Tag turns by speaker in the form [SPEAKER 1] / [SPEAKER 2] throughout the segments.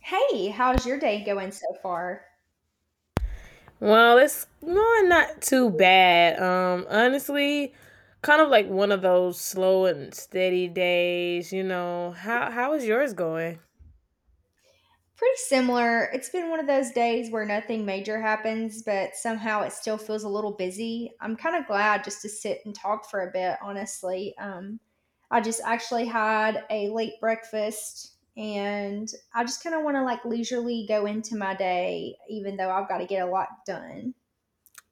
[SPEAKER 1] Hey, how's your day going so far?
[SPEAKER 2] Well, it's no, not too bad. Honestly, kind of like one of those slow and steady days. You know how is yours going?
[SPEAKER 1] Pretty similar. It's been one of those days where nothing major happens, but somehow it still feels a little busy. I'm kind of glad just to sit and talk for a bit, honestly. I just actually had a late breakfast and I just kind of want to like leisurely go into my day, even though I've got to get a lot done.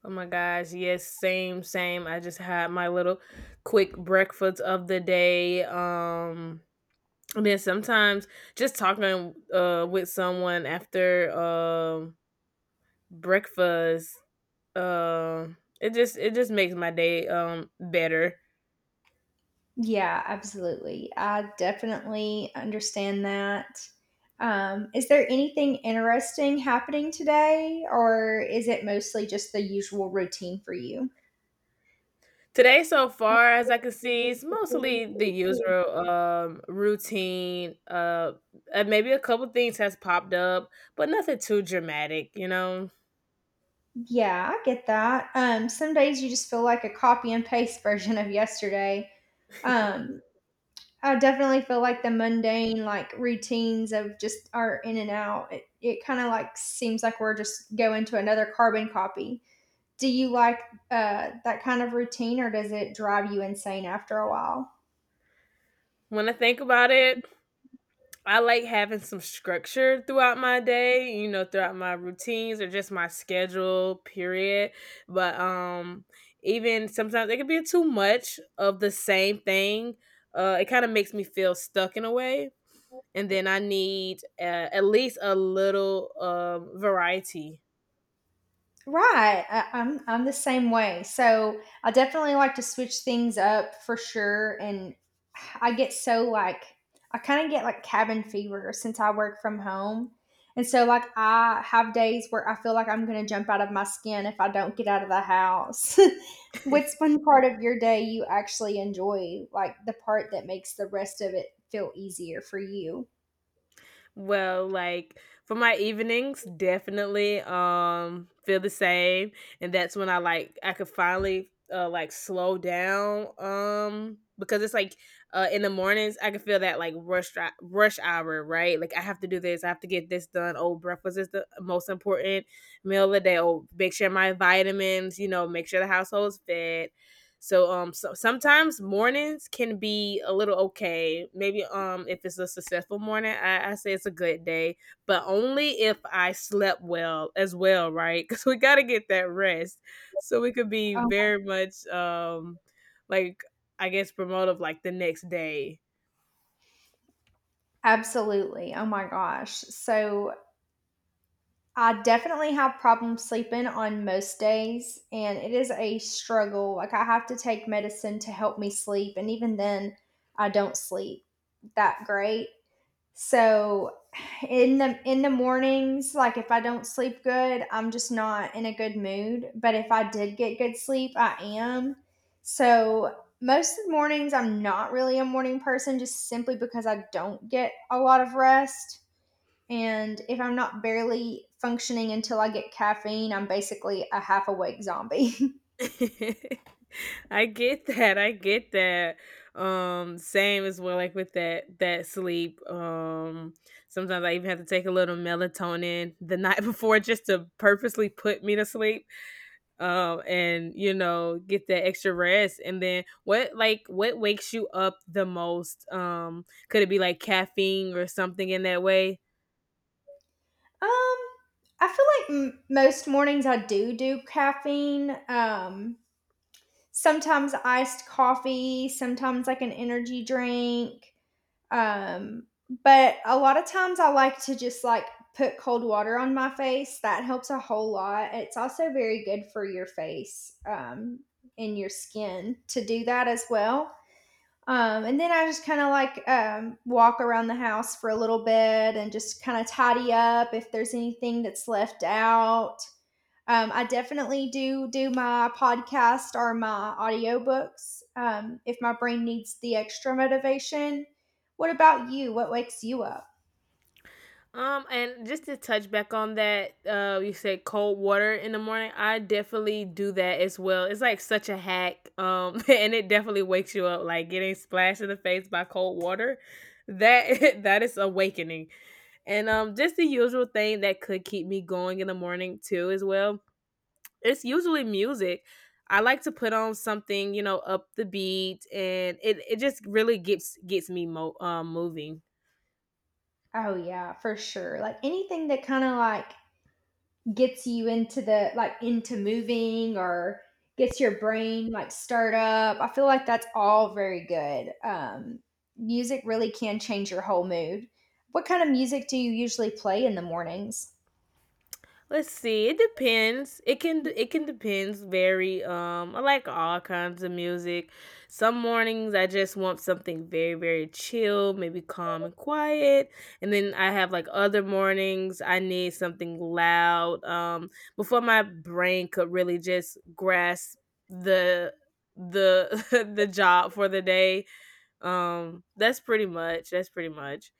[SPEAKER 2] Oh my gosh, yes, same, same. I just had my little quick breakfast of the day. And then sometimes just talking with someone after breakfast. It just makes my day better.
[SPEAKER 1] Yeah, absolutely. I definitely understand that. Is there anything interesting happening today, or is it mostly just the usual routine for you?
[SPEAKER 2] Today, so far as I can see, it's mostly the usual, routine, and maybe a couple things has popped up, but nothing too dramatic, you know?
[SPEAKER 1] Yeah, I get that. Some days you just feel like a copy and paste version of yesterday. Um, I definitely feel like the mundane, like routines of just our in and out. It kind of like seems like we're just going to another carbon copy. Do you like that kind of routine, or does it drive you insane after a while?
[SPEAKER 2] When I think about it, I like having some structure throughout my day, you know, throughout my routines or just my schedule, period, but even sometimes it can be too much of the same thing, it kinda makes me feel stuck in a way. And then I need at least a little variety.
[SPEAKER 1] Right. I'm the same way. So I definitely like to switch things up for sure. And I get so like I kind of get like cabin fever since I work from home. And so like I have days where I feel like I'm gonna jump out of my skin if I don't get out of the house. What's one part of your day you actually enjoy, like the part that makes the rest of it feel easier for you?
[SPEAKER 2] Well, like for my evenings, definitely feel the same, and that's when I could finally like slow down because it's like in the mornings I can feel that like rush hour, right? Like, I have to do this, I have to get this done, oh, breakfast is the most important meal of the day, oh, make sure my vitamins, you know, make sure the household's fed. So sometimes mornings can be a little okay. Maybe if it's a successful morning, I say it's a good day, but only if I slept well as well, right? Because we gotta get that rest. So it could be
[SPEAKER 1] Oh,
[SPEAKER 2] very much like I guess promotive like the next day.
[SPEAKER 1] absolutely. Oh my gosh. So I definitely have problems sleeping on most days, and it is a struggle. Like, I have to take medicine to help me sleep, and even then, I don't sleep that great. So in the mornings, like if I don't sleep good, I'm just not in a good mood. But if I did get good sleep, I am. So most of the mornings I'm not really a morning person just simply because I don't get a lot of rest. And if I'm not barely functioning until I get caffeine, I'm basically a half awake zombie.
[SPEAKER 2] I get that. I get that. Same as well, like with that sleep. Sometimes I even have to take a little melatonin the night before just to purposely put me to sleep, and you know, get that extra rest. And then what, like what wakes you up the most? Could it be like caffeine or something in that way?
[SPEAKER 1] Um, I feel like most mornings I do do caffeine. Sometimes iced coffee, sometimes like an energy drink. Um, but a lot of times I like to just like put cold water on my face. That helps a whole lot. It's also very good for your face, and your skin to do that as well. And then I just kind of like walk around the house for a little bit and just kind of tidy up if there's anything that's left out. I definitely do do my podcast or my audiobooks if my brain needs the extra motivation. What about you? What wakes you up?
[SPEAKER 2] And just to touch back on that, you said cold water in the morning. I definitely do that as well. It's like such a hack. And it definitely wakes you up. Like getting splashed in the face by cold water, that that is awakening. And just the usual thing that could keep me going in the morning too, as well. It's usually music. I like to put on something, you know, up the beat, and it just really gets me moving.
[SPEAKER 1] Oh yeah, for sure. Like anything that kind of like gets you into the like into moving or gets your brain like stirred up. I feel like that's all very good. Music really can change your whole mood. What kind of music do you usually play in the mornings?
[SPEAKER 2] Let's see. It depends. It can depends very I like all kinds of music. Some mornings I just want something very very chill, maybe calm and quiet. And then I have like other mornings I need something loud before my brain could really just grasp the the the job for the day. That's pretty much. That's pretty much.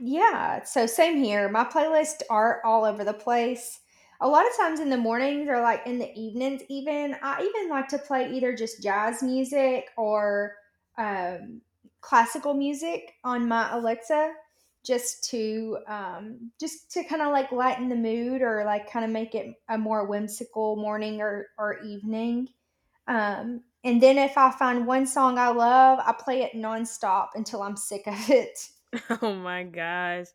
[SPEAKER 1] Yeah, so same here. My playlists are all over the place. A lot of times in the mornings or like in the evenings, even I even like to play either just jazz music or um, classical music on my Alexa, just to kind of like lighten the mood or like kind of make it a more whimsical morning or evening. And then if I find one song I love, I play it nonstop until I'm sick of it.
[SPEAKER 2] Oh my gosh,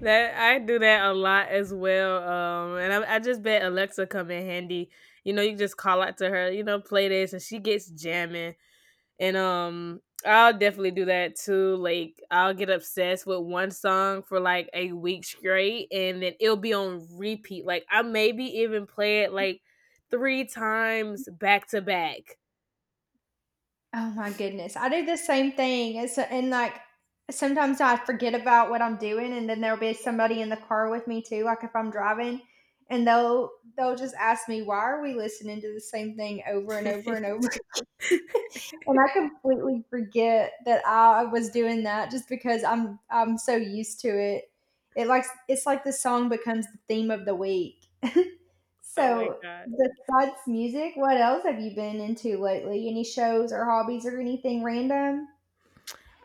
[SPEAKER 2] that I do that a lot as well. And I just bet Alexa come in handy. You know, you just call out to her. You know, play this, and she gets jamming. And I'll definitely do that too. Like, I'll get obsessed with one song for like a week straight, and then it'll be on repeat. Like, I maybe even play it like three times back to back.
[SPEAKER 1] Oh my goodness. I do the same thing. It's and like sometimes I forget about what I'm doing and then there'll be somebody in the car with me too, like if I'm driving, and they'll just ask me, "Why are we listening to the same thing over and over and over?" And I completely forget that I was doing that just because I'm so used to it. It likes it's like the song becomes the theme of the week.
[SPEAKER 2] Oh my
[SPEAKER 1] So,
[SPEAKER 2] god.
[SPEAKER 1] besides music, what else have you been into lately? Any shows or hobbies or anything random?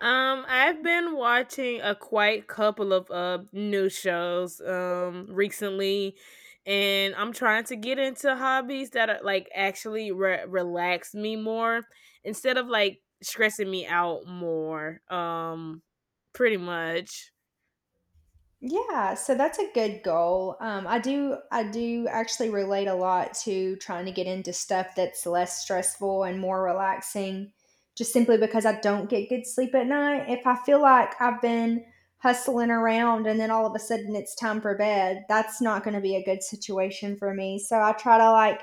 [SPEAKER 2] I've been watching a quite couple of new shows recently, and I'm trying to get into hobbies that are like actually relax me more instead of like stressing me out more. Pretty much.
[SPEAKER 1] Yeah, so that's a good goal. I do actually relate a lot to trying to get into stuff that's less stressful and more relaxing, just simply because I don't get good sleep at night. If I feel like I've been hustling around and then all of a sudden it's time for bed, that's not going to be a good situation for me. So I try to like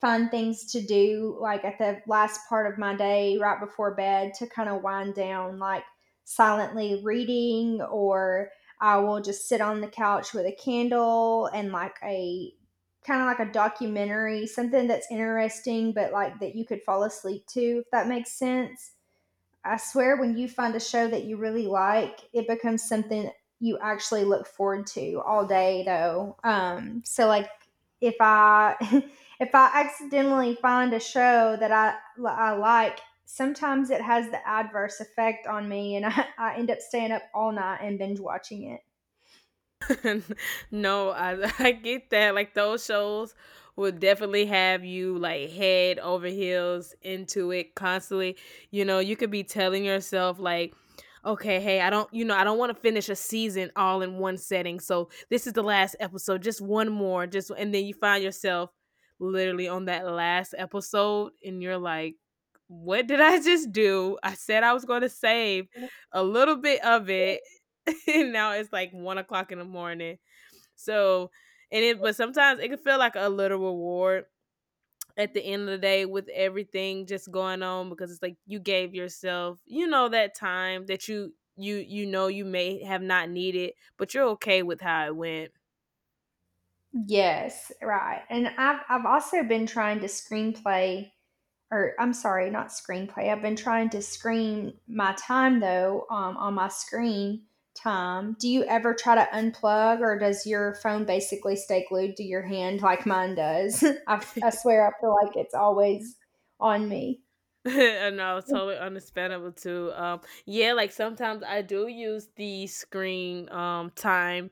[SPEAKER 1] find things to do like at the last part of my day right before bed to kind of wind down like silently reading or I will just sit on the couch with a candle and like a kind of like a documentary, something that's interesting, but like that you could fall asleep to, if that makes sense. I swear, when you find a show that you really like, it becomes something you actually look forward to all day, though. So, like, if I if I accidentally find a show that I like, sometimes it has the adverse effect on me, and I end up staying up all night and binge watching it.
[SPEAKER 2] No, I get that. Like those shows would definitely have you like head over heels into it constantly. You know, you could be telling yourself like, okay, hey, I don't, you know, I don't want to finish a season all in one setting. So this is the last episode, just one more, just, and then you find yourself literally on that last episode and you're like, what did I just do? I said I was going to save a little bit of it and now it's like 1 o'clock in the morning. So, and it, but sometimes it can feel like a little reward at the end of the day with everything just going on, because it's like you gave yourself, you know, that time that you know you may have not needed, but you're okay with how it went.
[SPEAKER 1] Yes, right. And I've also been trying to screenplay or I'm sorry, not screenplay. I've been trying to screen my time though on my screen time. Do you ever try to unplug, or does your phone basically stay glued to your hand like mine does? I swear, I feel like it's always on me.
[SPEAKER 2] And I was
[SPEAKER 1] Oh
[SPEAKER 2] totally understandable too. Yeah, like sometimes I do use the screen time,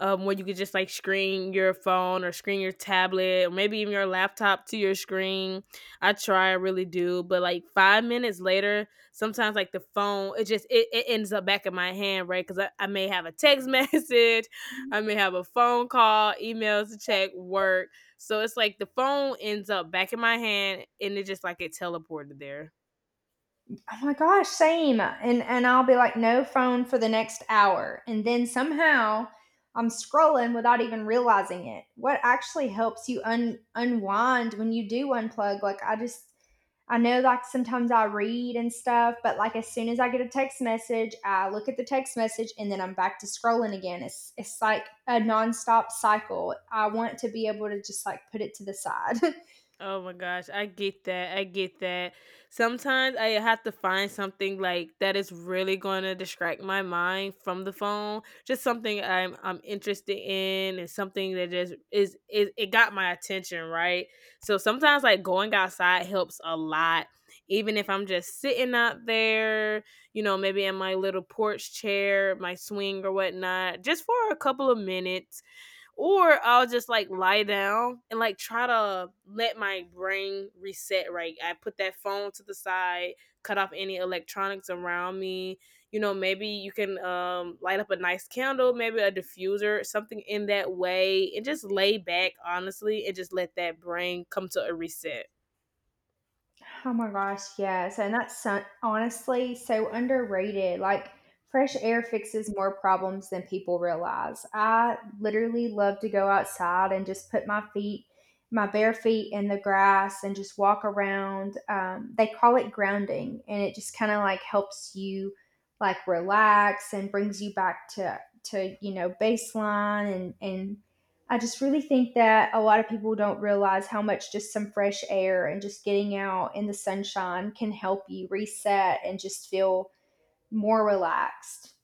[SPEAKER 2] where you could just like screen your phone or screen your tablet or maybe even your laptop to your screen. I really do, but like 5 minutes later, sometimes like the phone, it just it ends up back in my hand, right? Because I may have a text message, I may have a phone call, emails to check, work, so it's like the phone ends up back in my hand and it just like it teleported there.
[SPEAKER 1] my gosh, same. And I'll be like, no phone for the next hour, and then somehow I'm scrolling without even realizing it. What actually helps you unwind when you do unplug? Like I just I know like sometimes I read and stuff, but like as soon as I get a text message, I look at the text message and then I'm back to scrolling again. It's like a nonstop cycle. I want to be able to just like put it to the side.
[SPEAKER 2] Oh my gosh, I get that. I get that. Sometimes I have to find something like that is really going to distract my mind from the phone. Just something I'm interested in and something that just is it got my attention, right? So sometimes like going outside helps a lot. Even if I'm just sitting out there, you know, maybe in my little porch chair, my swing or whatnot, just for a couple of minutes, or I'll just like lie down and like try to let my brain reset, right? I put that phone to the side, cut off any electronics around me. You know, maybe you can light up a nice candle, maybe a diffuser, something in that way, and just lay back honestly and just let that brain come to a reset.
[SPEAKER 1] Oh my gosh, yes. And that's so, honestly so underrated. Like, fresh air fixes more problems than people realize. I literally love to go outside and just put my feet, my bare feet in the grass and just walk around. They call it grounding, and it just kind of like helps you like relax and brings you back to you know baseline and I just really think that a lot of people don't realize how much just some fresh air and just getting out in the sunshine can help you reset and just feel more relaxed.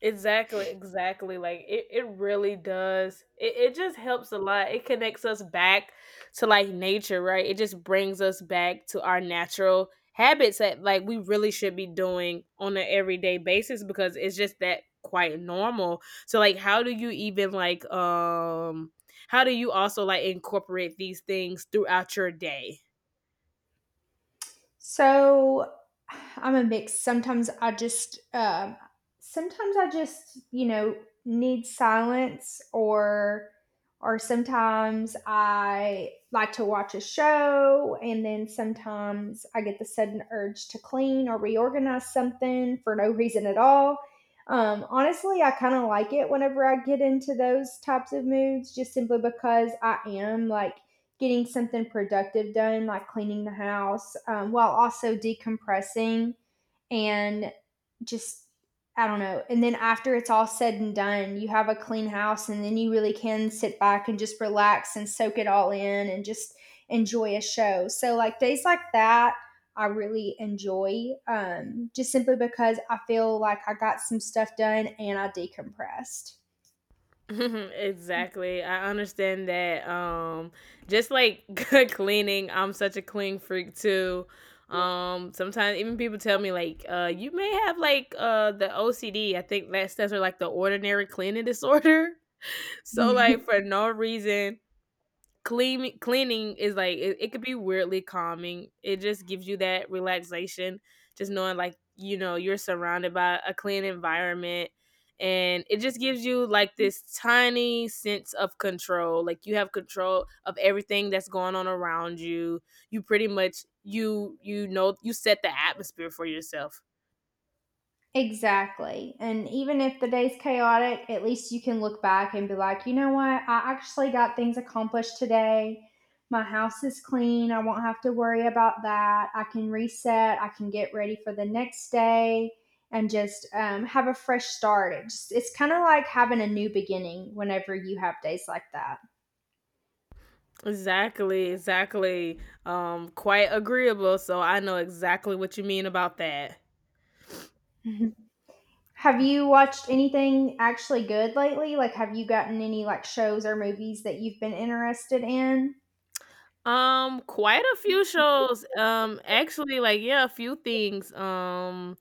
[SPEAKER 2] Exactly, exactly. Like it really does. It just helps a lot. It connects us back to like nature, right? It just brings us back to our natural habits that like we really should be doing on an everyday basis because it's just that quite normal. So like how do you even like how do you also like incorporate these things throughout your day?
[SPEAKER 1] So I'm a mix. Sometimes I just, you know, need silence, or sometimes I like to watch a show, and then sometimes I get the sudden urge to clean or reorganize something for no reason at all. Honestly, I kind of like it whenever I get into those types of moods, just simply because I am like getting something productive done, like cleaning the house, while also decompressing and just, I don't know. And then after it's all said and done, you have a clean house, and then you really can sit back and just relax and soak it all in and just enjoy a show. So, like days like that, I really enjoy just simply because I feel like I got some stuff done and I decompressed.
[SPEAKER 2] Exactly. I understand that. Just like cleaning, I'm such a clean freak too. Sometimes even people tell me like, you may have like the OCD. I think that stands for like the ordinary cleaning disorder. So like for no reason, cleaning is like it could be weirdly calming. It just gives you that relaxation, just knowing like you know you're surrounded by a clean environment, and it just gives you like this tiny sense of control. Like you have control of everything that's going on around you. You pretty much you you know you set the atmosphere for yourself.
[SPEAKER 1] Exactly. And even if the day's chaotic, at least you can look back and be like, you know what? I actually got things accomplished today. My house is clean. I won't have to worry about that. I can reset. I can get ready for the next day and just have a fresh start. It just, it's kind of like having a new beginning whenever you have days like that.
[SPEAKER 2] Exactly, exactly. Quite agreeable. So I know exactly what you mean about that.
[SPEAKER 1] Have you watched anything actually good lately? Like, have you gotten any like shows or movies that you've been interested in?
[SPEAKER 2] Quite a few shows. Actually, like yeah, a few things. Um,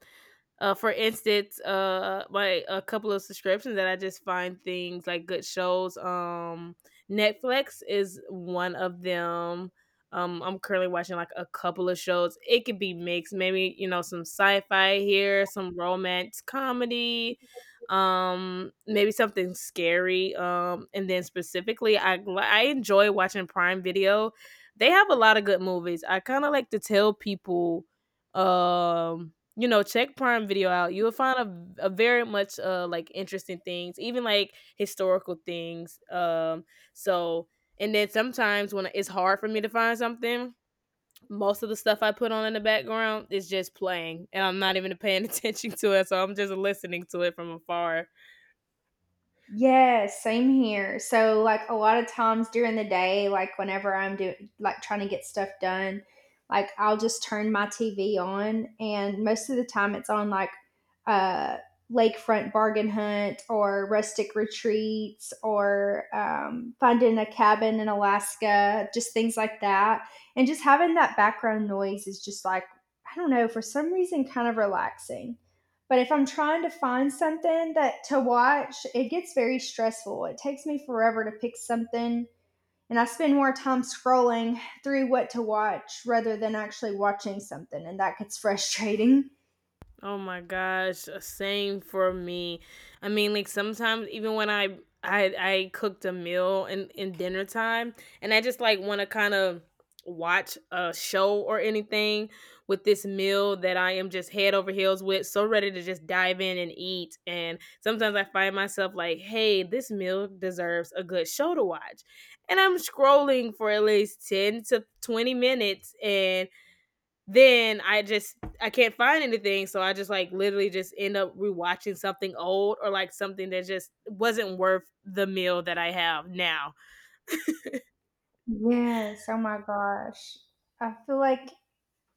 [SPEAKER 2] uh, For instance, my a couple of subscriptions that I just find things like good shows. Netflix is one of them. I'm currently watching like a couple of shows. It could be mixed, maybe you know some sci-fi here, some romance comedy, maybe something scary. And then specifically, I enjoy watching Prime Video. They have a lot of good movies. I kind of like to tell people um you know, check Prime Video out. You'll find a very much like interesting things, even like historical things. So and then sometimes when it's hard for me to find something, most of the stuff I put on in the background is just playing, and I'm not even paying attention to it. So I'm just listening to it from afar.
[SPEAKER 1] Yes, same here. So, like, a lot of times during the day, like, whenever I'm doing, like, trying to get stuff done, like, I'll just turn my TV on. And most of the time, it's on, like, uh, Lakefront Bargain Hunt or Rustic Retreats or finding a cabin in Alaska, just things like that. And just having that background noise is just like, I don't know, for some reason, kind of relaxing. But if I'm trying to find something that to watch, it gets very stressful. It takes me forever to pick something, and I spend more time scrolling through what to watch rather than actually watching something, and that gets frustrating.
[SPEAKER 2] Oh my gosh, same for me. I mean, like sometimes even when I cooked a meal in dinner time, and I just like want to kind of watch a show or anything with this meal that I am just head over heels with, so ready to just dive in and eat. And sometimes I find myself like, hey, this meal deserves a good show to watch, and I'm scrolling for at least 10 to 20 minutes, and then I just I can't find anything, so I just like literally just end up rewatching something old or like something that just wasn't worth the meal that I have now.
[SPEAKER 1] Yes, oh my gosh. I feel like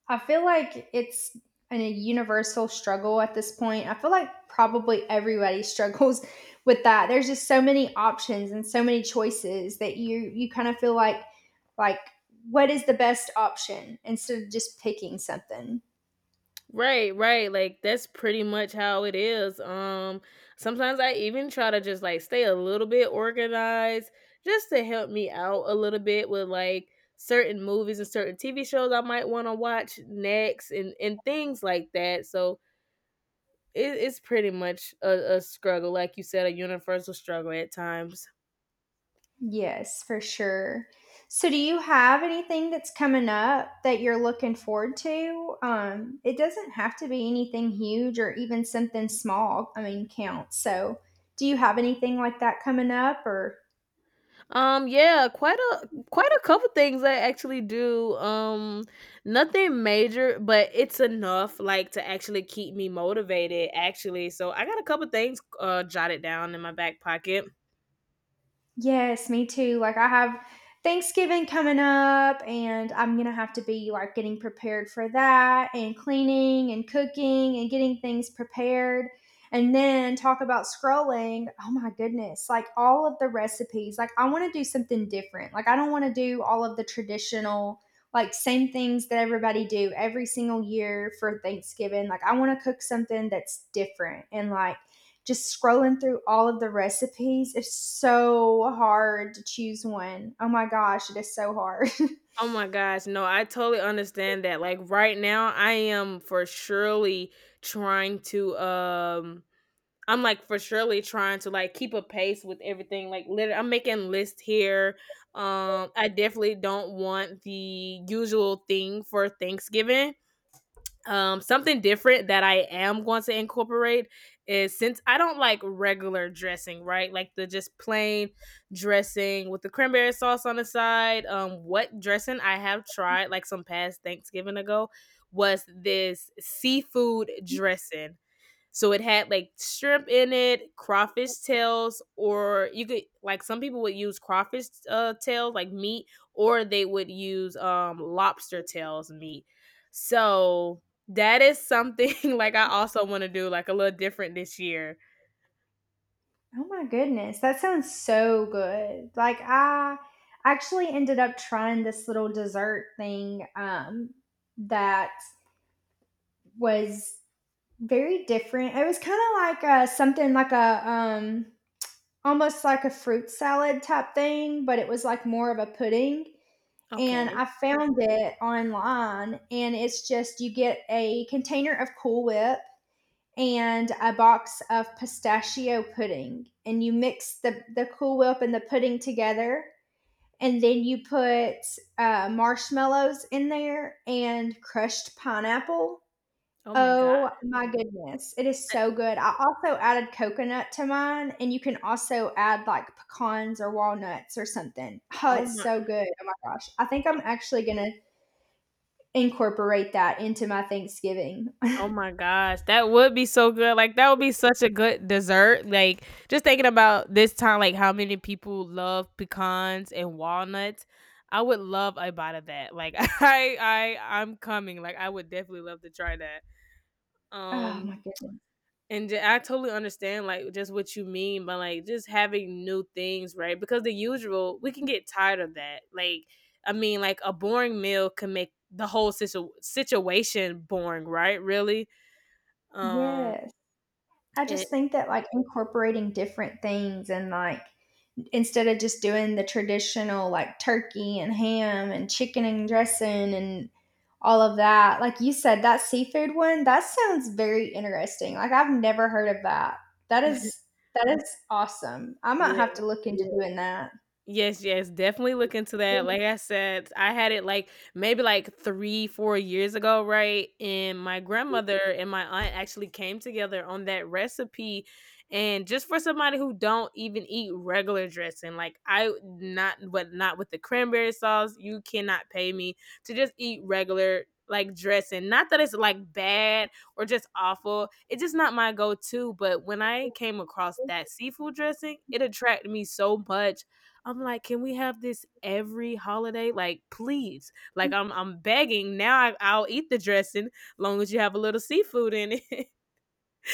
[SPEAKER 1] I feel like it's an, a universal struggle at this point. I feel like probably everybody struggles with that. There's just so many options and so many choices that you kind of feel like what is the best option instead of just picking something.
[SPEAKER 2] Right, right. Like that's pretty much how it is. Sometimes I even try to just like stay a little bit organized just to help me out a little bit with like certain movies and certain TV shows I might want to watch next and things like that. So it's pretty much a struggle, like you said, a universal struggle at times.
[SPEAKER 1] Yes, for sure. So, do you have anything that's coming up that you're looking forward to? It doesn't have to be anything huge or even something small, I mean, counts. So, do you have anything like that coming up or
[SPEAKER 2] Yeah, quite a couple things I actually do. Nothing major, but it's enough like to actually keep me motivated. Actually, so I got a couple things jotted down in my back pocket.
[SPEAKER 1] Yes, me too. Like I have Thanksgiving coming up and I'm going to have to be like getting prepared for that and cleaning and cooking and getting things prepared. And then talk about scrolling. Oh my goodness. Like all of the recipes. Like I want to do something different. Like I don't want to do all of the traditional like same things that everybody do every single year for Thanksgiving. Like I want to cook something that's different and like just scrolling through all of the recipes, it's so hard to choose one. Oh my gosh, it is so hard.
[SPEAKER 2] Oh my gosh, no, I totally understand that. Like right now trying to um I'm like for surely trying to like keep a pace with everything. Like literally, I'm making lists here. I definitely don't want the usual thing for Thanksgiving. Something different that I am going to incorporate is, since I don't like regular dressing, right? Like the just plain dressing with the cranberry sauce on the side. What dressing I have tried like some past Thanksgiving ago was this seafood dressing, so it had like shrimp in it, crawfish tails, or you could like some people would use crawfish tails like meat, or they would use lobster tails meat. So that is something like I also want to do like a little different this year.
[SPEAKER 1] Oh my goodness, that sounds so good. Like I actually ended up trying this little dessert thing that was very different. It was kind of like a, something like a almost like a fruit salad type thing, but it was like more of a pudding, and
[SPEAKER 2] Okay.
[SPEAKER 1] I found it online. And it's just you get a container of Cool Whip and a box of pistachio pudding, and you mix the Cool Whip and the pudding together, and then you put marshmallows in there and crushed pineapple.
[SPEAKER 2] Oh my
[SPEAKER 1] Oh
[SPEAKER 2] god.
[SPEAKER 1] my goodness, it is
[SPEAKER 2] That-
[SPEAKER 1] so good. I also added coconut to mine, and you can also add like pecans or walnuts or something. Oh,
[SPEAKER 2] Oh
[SPEAKER 1] it's
[SPEAKER 2] my
[SPEAKER 1] so good. Oh my gosh. I think I'm actually going to incorporate that into my Thanksgiving.
[SPEAKER 2] Oh my gosh, that would be so good. Like that would be such a good dessert. Like just thinking about this time, like how many people love pecans and walnuts. I would love a bite of that. Like I'm coming. Like I would definitely love to try that.
[SPEAKER 1] Oh my
[SPEAKER 2] Um,
[SPEAKER 1] goodness.
[SPEAKER 2] and I totally understand like just what you mean by like just having new things, right? Because the usual, we can get tired of that. Like I mean, like a boring meal can make the whole situation boring, right? Really. Um
[SPEAKER 1] Yes. I
[SPEAKER 2] and
[SPEAKER 1] just think that like incorporating different things and like instead of just doing the traditional like turkey and ham and chicken and dressing and all of that. Like you said, that seafood one, that sounds very interesting. Like I've never heard of that. That is that is awesome. I might
[SPEAKER 2] yeah.
[SPEAKER 1] have to look into doing that.
[SPEAKER 2] Yes, yes, definitely look into that. Like I said, I had it like maybe like three, 4 years ago, right? And my grandmother and my aunt actually came together on that recipe. And just for somebody who don't even eat regular dressing, like I not but not with the cranberry sauce, you cannot pay me to just eat regular like dressing. Not that it's like bad or just awful. It's just not my go-to. But when I came across that seafood dressing, it attracted me so much, I'm like, can we have this every holiday? Like, please. Like, I'm begging now. I'll eat the dressing long as you have a little seafood in it.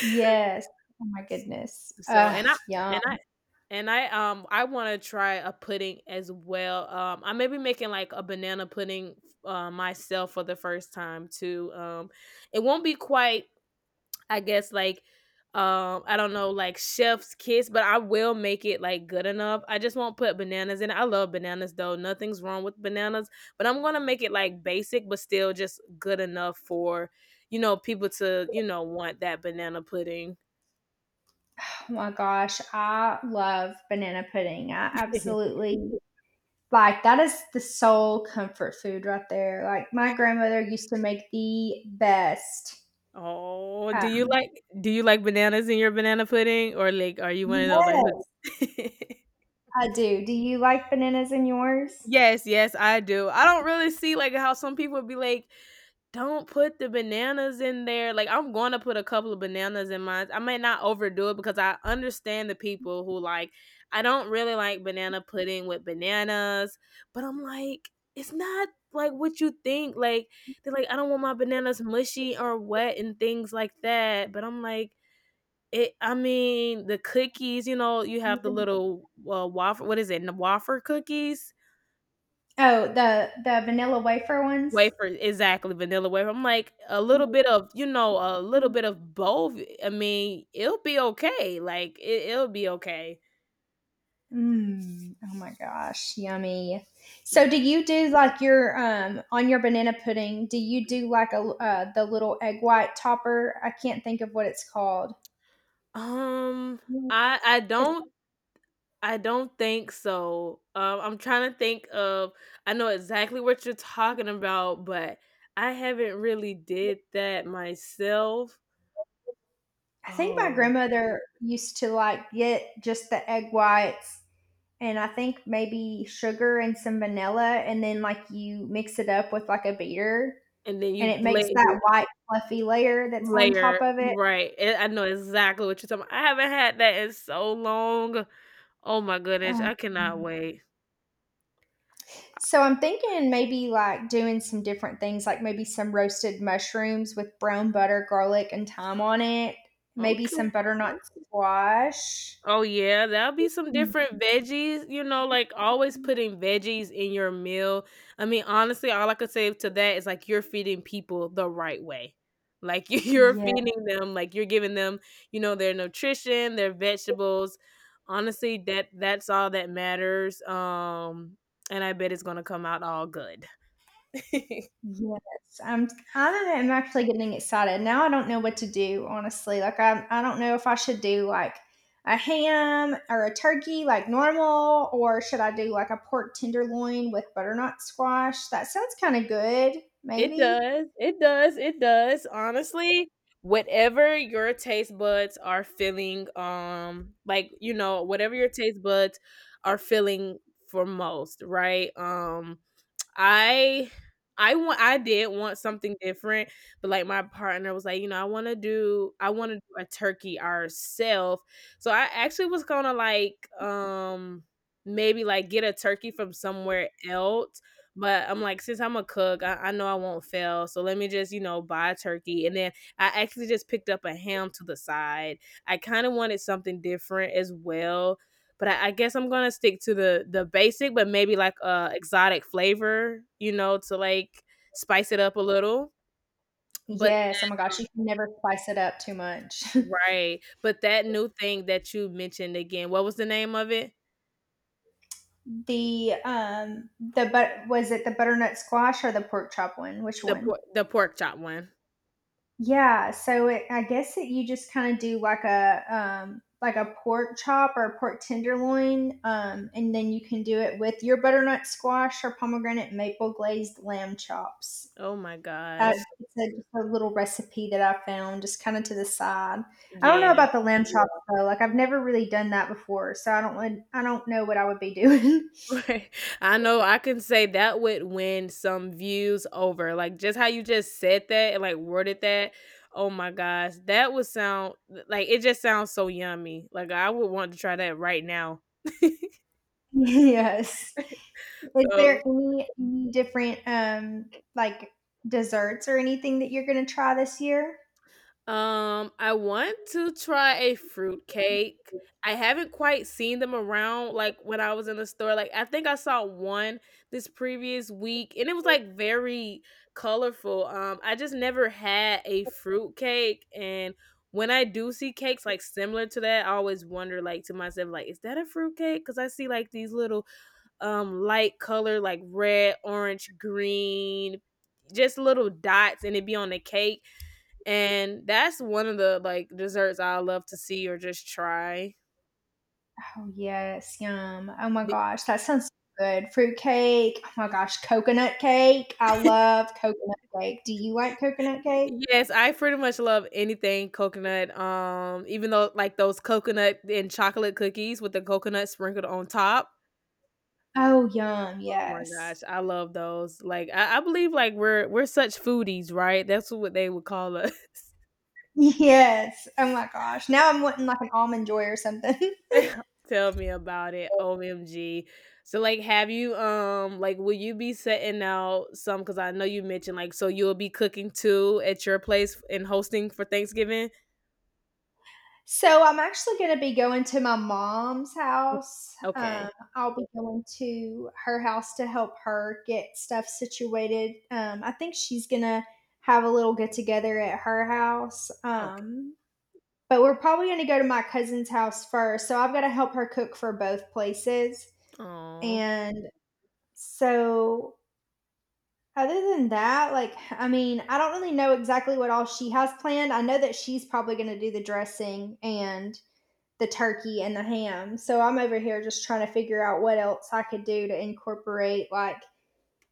[SPEAKER 1] Yes. Oh my goodness.
[SPEAKER 2] so,
[SPEAKER 1] Ugh,
[SPEAKER 2] and I
[SPEAKER 1] yum.
[SPEAKER 2] and I and I I want to try a pudding as well. I may be making like a banana pudding myself for the first time too. It won't be quite, I guess like, I don't know, like chef's kiss, but I will make it like good enough. I just won't put bananas in it. I love bananas though. Nothing's wrong with bananas, but I'm going to make it like basic but still just good enough for people to, want that banana pudding.
[SPEAKER 1] Oh my gosh. I love banana pudding. I absolutely like that is the sole comfort food right there. Like my grandmother used to make the best.
[SPEAKER 2] Oh,
[SPEAKER 1] Uh,
[SPEAKER 2] do you like bananas in your banana pudding, or like are you one of those like
[SPEAKER 1] yes,
[SPEAKER 2] who
[SPEAKER 1] I do. Do you like bananas in yours?
[SPEAKER 2] Yes, yes, I do. I don't really see like how some people be like, don't put the bananas in there. Like, I'm gonna put a couple of bananas in mine. I might not overdo it because I understand the people who like, I don't really like banana pudding with bananas, but I'm like, it's not like what you think. Like, they're like, "I don't want my bananas mushy or wet," and things like that, but I'm like, it I mean, the cookies, you know, you have the little, waffle, what is it? The waffle cookies?
[SPEAKER 1] Oh, the vanilla wafer ones.
[SPEAKER 2] Wafer, exactly, vanilla wafer. I'm like, a little bit of, a little bit of both, I mean, it'll be okay, like, it'll be okay.
[SPEAKER 1] Mm, oh my gosh, yummy. So
[SPEAKER 2] Mm,
[SPEAKER 1] do you do like your on your banana pudding, do you do like a the little egg white topper? I can't think of what it's called.
[SPEAKER 2] um, I I don't I don't think so. I'm trying to think of, I know exactly what you're talking about, but I haven't really did that myself.
[SPEAKER 1] I think my
[SPEAKER 2] Oh,
[SPEAKER 1] grandmother used to like get just the egg whites, and I think maybe sugar and some vanilla, and then like you mix it up with like a beater,
[SPEAKER 2] and then
[SPEAKER 1] and
[SPEAKER 2] you
[SPEAKER 1] it
[SPEAKER 2] let.
[SPEAKER 1] makes that white fluffy layer that's on
[SPEAKER 2] Layer,
[SPEAKER 1] top of it.
[SPEAKER 2] right, and I know exactly what you're talking 'bout. I haven't had that in so long. Oh my goodness,
[SPEAKER 1] Um,
[SPEAKER 2] I cannot wait.
[SPEAKER 1] so I'm thinking maybe like doing some different things, like maybe some roasted mushrooms with brown butter, garlic, and thyme on it. Maybe
[SPEAKER 2] Okay.
[SPEAKER 1] some butternut squash.
[SPEAKER 2] Oh, yeah, that'll be some different veggies, you know, like, always putting veggies in your meal. I mean, honestly, all I could say to that is, like, you're feeding people the right way. Like, you're
[SPEAKER 1] Yeah.
[SPEAKER 2] feeding them, like, you're giving them, you know, their nutrition, their vegetables. Honestly, that's all that matters, and I bet it's gonna come out all good.
[SPEAKER 1] Yes, I am actually getting excited. Now I don't know what to do, honestly. Like I don't know if I should do like a ham or a turkey like normal, or should I do like a pork tenderloin with butternut squash? That sounds kind of good,
[SPEAKER 2] It
[SPEAKER 1] maybe.
[SPEAKER 2] does. It does. It does. Honestly, whatever your taste buds are feeling, like you know, whatever your taste buds are feeling for most, right? I I did want something different, but like my partner was like, you know, I want to do a turkey ourselves. So I actually was going to, like, maybe like get a turkey from somewhere else, but I'm like, since I'm a cook, I know I won't fail. So let me just, you know, buy a turkey, and then I actually just picked up a ham to the side. I kind of wanted something different as well, but I guess I'm gonna stick to the basic, but maybe like a exotic flavor, you know, to like spice it up a little. But,
[SPEAKER 1] Yes, oh my gosh, you can never spice it up too much.
[SPEAKER 2] right, but that new thing that you mentioned again, what was the name of it?
[SPEAKER 1] The the but was it the butternut squash or the pork chop one? Which
[SPEAKER 2] The
[SPEAKER 1] one?
[SPEAKER 2] the pork chop one.
[SPEAKER 1] Yeah, so it, I guess that you just kind of do like a pork chop or a pork tenderloin, and then you can do it with your butternut squash or pomegranate maple glazed lamb chops.
[SPEAKER 2] Oh my
[SPEAKER 1] Uh,
[SPEAKER 2] gosh.
[SPEAKER 1] it's a, just a little recipe that I found, just kind of to the side. I don't know
[SPEAKER 2] Yeah.
[SPEAKER 1] about the lamb chops though. Like I've never really done that before, so I don't. Want- I don't know what I would be doing.
[SPEAKER 2] Right. I know I can say that would win some views over, like, just how you just said that and, like, worded that. Oh my gosh, that would sound, like, it just sounds so yummy. Like, I would want to try that right now.
[SPEAKER 1] Yes. Is there
[SPEAKER 2] So
[SPEAKER 1] any different like desserts or anything that you're gonna try this year?
[SPEAKER 2] Um, I want to try a fruit cake. I haven't quite seen them around like when I was in the store. Like, I think I saw one this previous week, and it was like very colorful. I just never had a fruit cake, and when I do see cakes like similar to that, I always wonder like to myself, like, is that a fruit cake? Cuz I see like these little light color, like red, orange, green, just little dots, and it be on the cake, and that's one of the, like, desserts I love to see or just try.
[SPEAKER 1] Oh yes, yum. Oh my
[SPEAKER 2] D
[SPEAKER 1] gosh, that sounds so good. Fruit cake. Oh my gosh, coconut cake. I love coconut cake. Do you like coconut cake?
[SPEAKER 2] Yes, I pretty much love anything coconut, even though, like, those coconut and chocolate cookies with the coconut sprinkled on top.
[SPEAKER 1] Oh yum,
[SPEAKER 2] Oh my
[SPEAKER 1] yes.
[SPEAKER 2] gosh, I love those. Like, I believe, like, we're such foodies, right? That's what they would call us.
[SPEAKER 1] Yes. Oh my gosh. Now I'm wanting like an almond joy or something.
[SPEAKER 2] Tell me about it. OMG. So, like, have you, like, will you be setting out some? Because I know you mentioned, like, so you'll be cooking too at your place and hosting for Thanksgiving?
[SPEAKER 1] So I'm actually going to be going to my mom's
[SPEAKER 2] Mm.
[SPEAKER 1] house.
[SPEAKER 2] Okay.
[SPEAKER 1] I'll be going to her house to help her get stuff situated. I think she's going to have a little get together at her house.
[SPEAKER 2] Okay.
[SPEAKER 1] But we're probably going to go to my cousin's house first. So I've got to help her cook for both places.
[SPEAKER 2] Oh,
[SPEAKER 1] And so, other than that, like, I mean, I don't really know exactly what all she has planned. I know that she's probably going to do the dressing and the turkey and the ham. So I'm over here just trying to figure out what else I could do to incorporate like,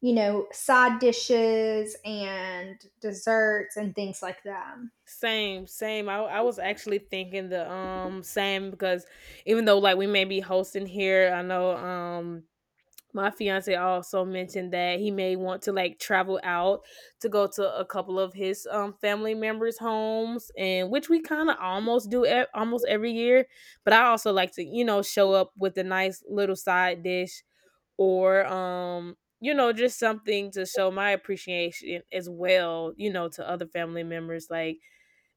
[SPEAKER 1] you know, side dishes and desserts and things like that.
[SPEAKER 2] same, same. I was actually thinking the same because even though like we may be hosting here, I know, my fiance also mentioned that he may want to like travel out to go to a couple of his, family members' homes, and which we kind of almost do almost every year. But I also like to show up with a nice little side dish or you know just something to show my appreciation as well, to other family members. Like,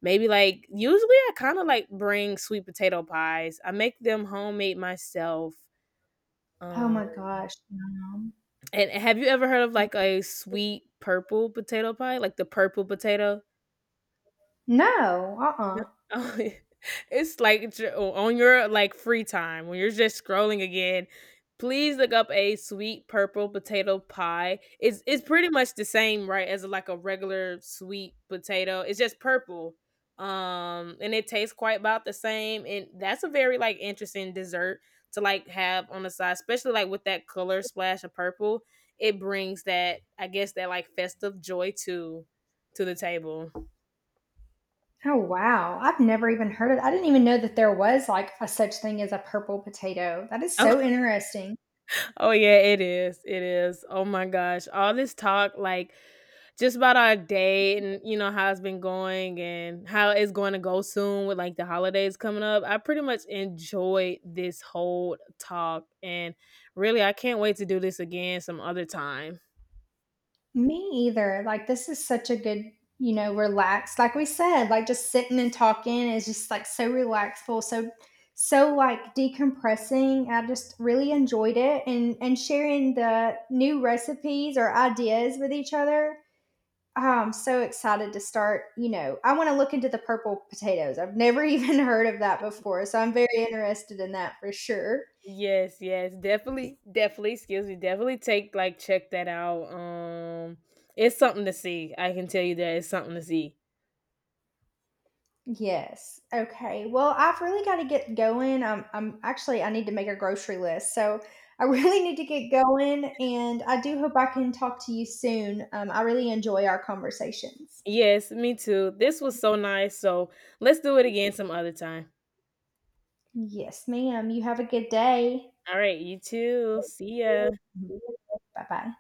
[SPEAKER 2] maybe like usually I kind of like bring sweet potato pies, I make them homemade myself.
[SPEAKER 1] Oh
[SPEAKER 2] um
[SPEAKER 1] my gosh. Yum.
[SPEAKER 2] and have you ever heard of like a sweet purple potato pie? Like the purple potato?
[SPEAKER 1] No, uh-uh.
[SPEAKER 2] N It's like, j o on your, like, free time when you're just scrolling again, please look up a sweet purple potato pie. It's pretty much the same, right, as, like, a regular sweet potato, it's just purple, and it tastes quite about the same, and that's a very, like, interesting dessert to, like, have on the side, especially, like, with that color splash of purple. It brings that, I guess, that, like, festive joy to the table.
[SPEAKER 1] Oh wow. I've never even heard of I didn't even know that there was like a such thing as a purple potato. That is so interesting.
[SPEAKER 2] Oh yeah, it is. It is. Oh my gosh. All this talk, like, just about our day and you know how it's been going and how it's going to go soon with like the holidays coming up. I pretty much enjoyed this whole talk, and really I can't wait to do this again some other time.
[SPEAKER 1] Me either. Like, this is such a good, you know, relaxed, like we said, like just sitting and talking is just like so relaxful, so so like decompressing. I just really enjoyed it, and sharing the new recipes or ideas with each other. Oh, I'm so excited to start, you know, I want to look into the purple potatoes. I've never even heard of that before, so I'm very interested in that for sure.
[SPEAKER 2] Yes, yes, definitely, definitely, excuse me, definitely take like check that out. It's something to see. I can tell you that, it's something to see.
[SPEAKER 1] Yes. Okay. Well, I've really got to get going. I'm actually I need to make a grocery list, so I really need to get going. And I do hope I can talk to you soon. I really enjoy our conversations.
[SPEAKER 2] Yes, me too. This was so nice. So let's do it again some other time.
[SPEAKER 1] Yes, ma'am. You have a good day.
[SPEAKER 2] All right, you too. See ya.
[SPEAKER 1] Bye bye.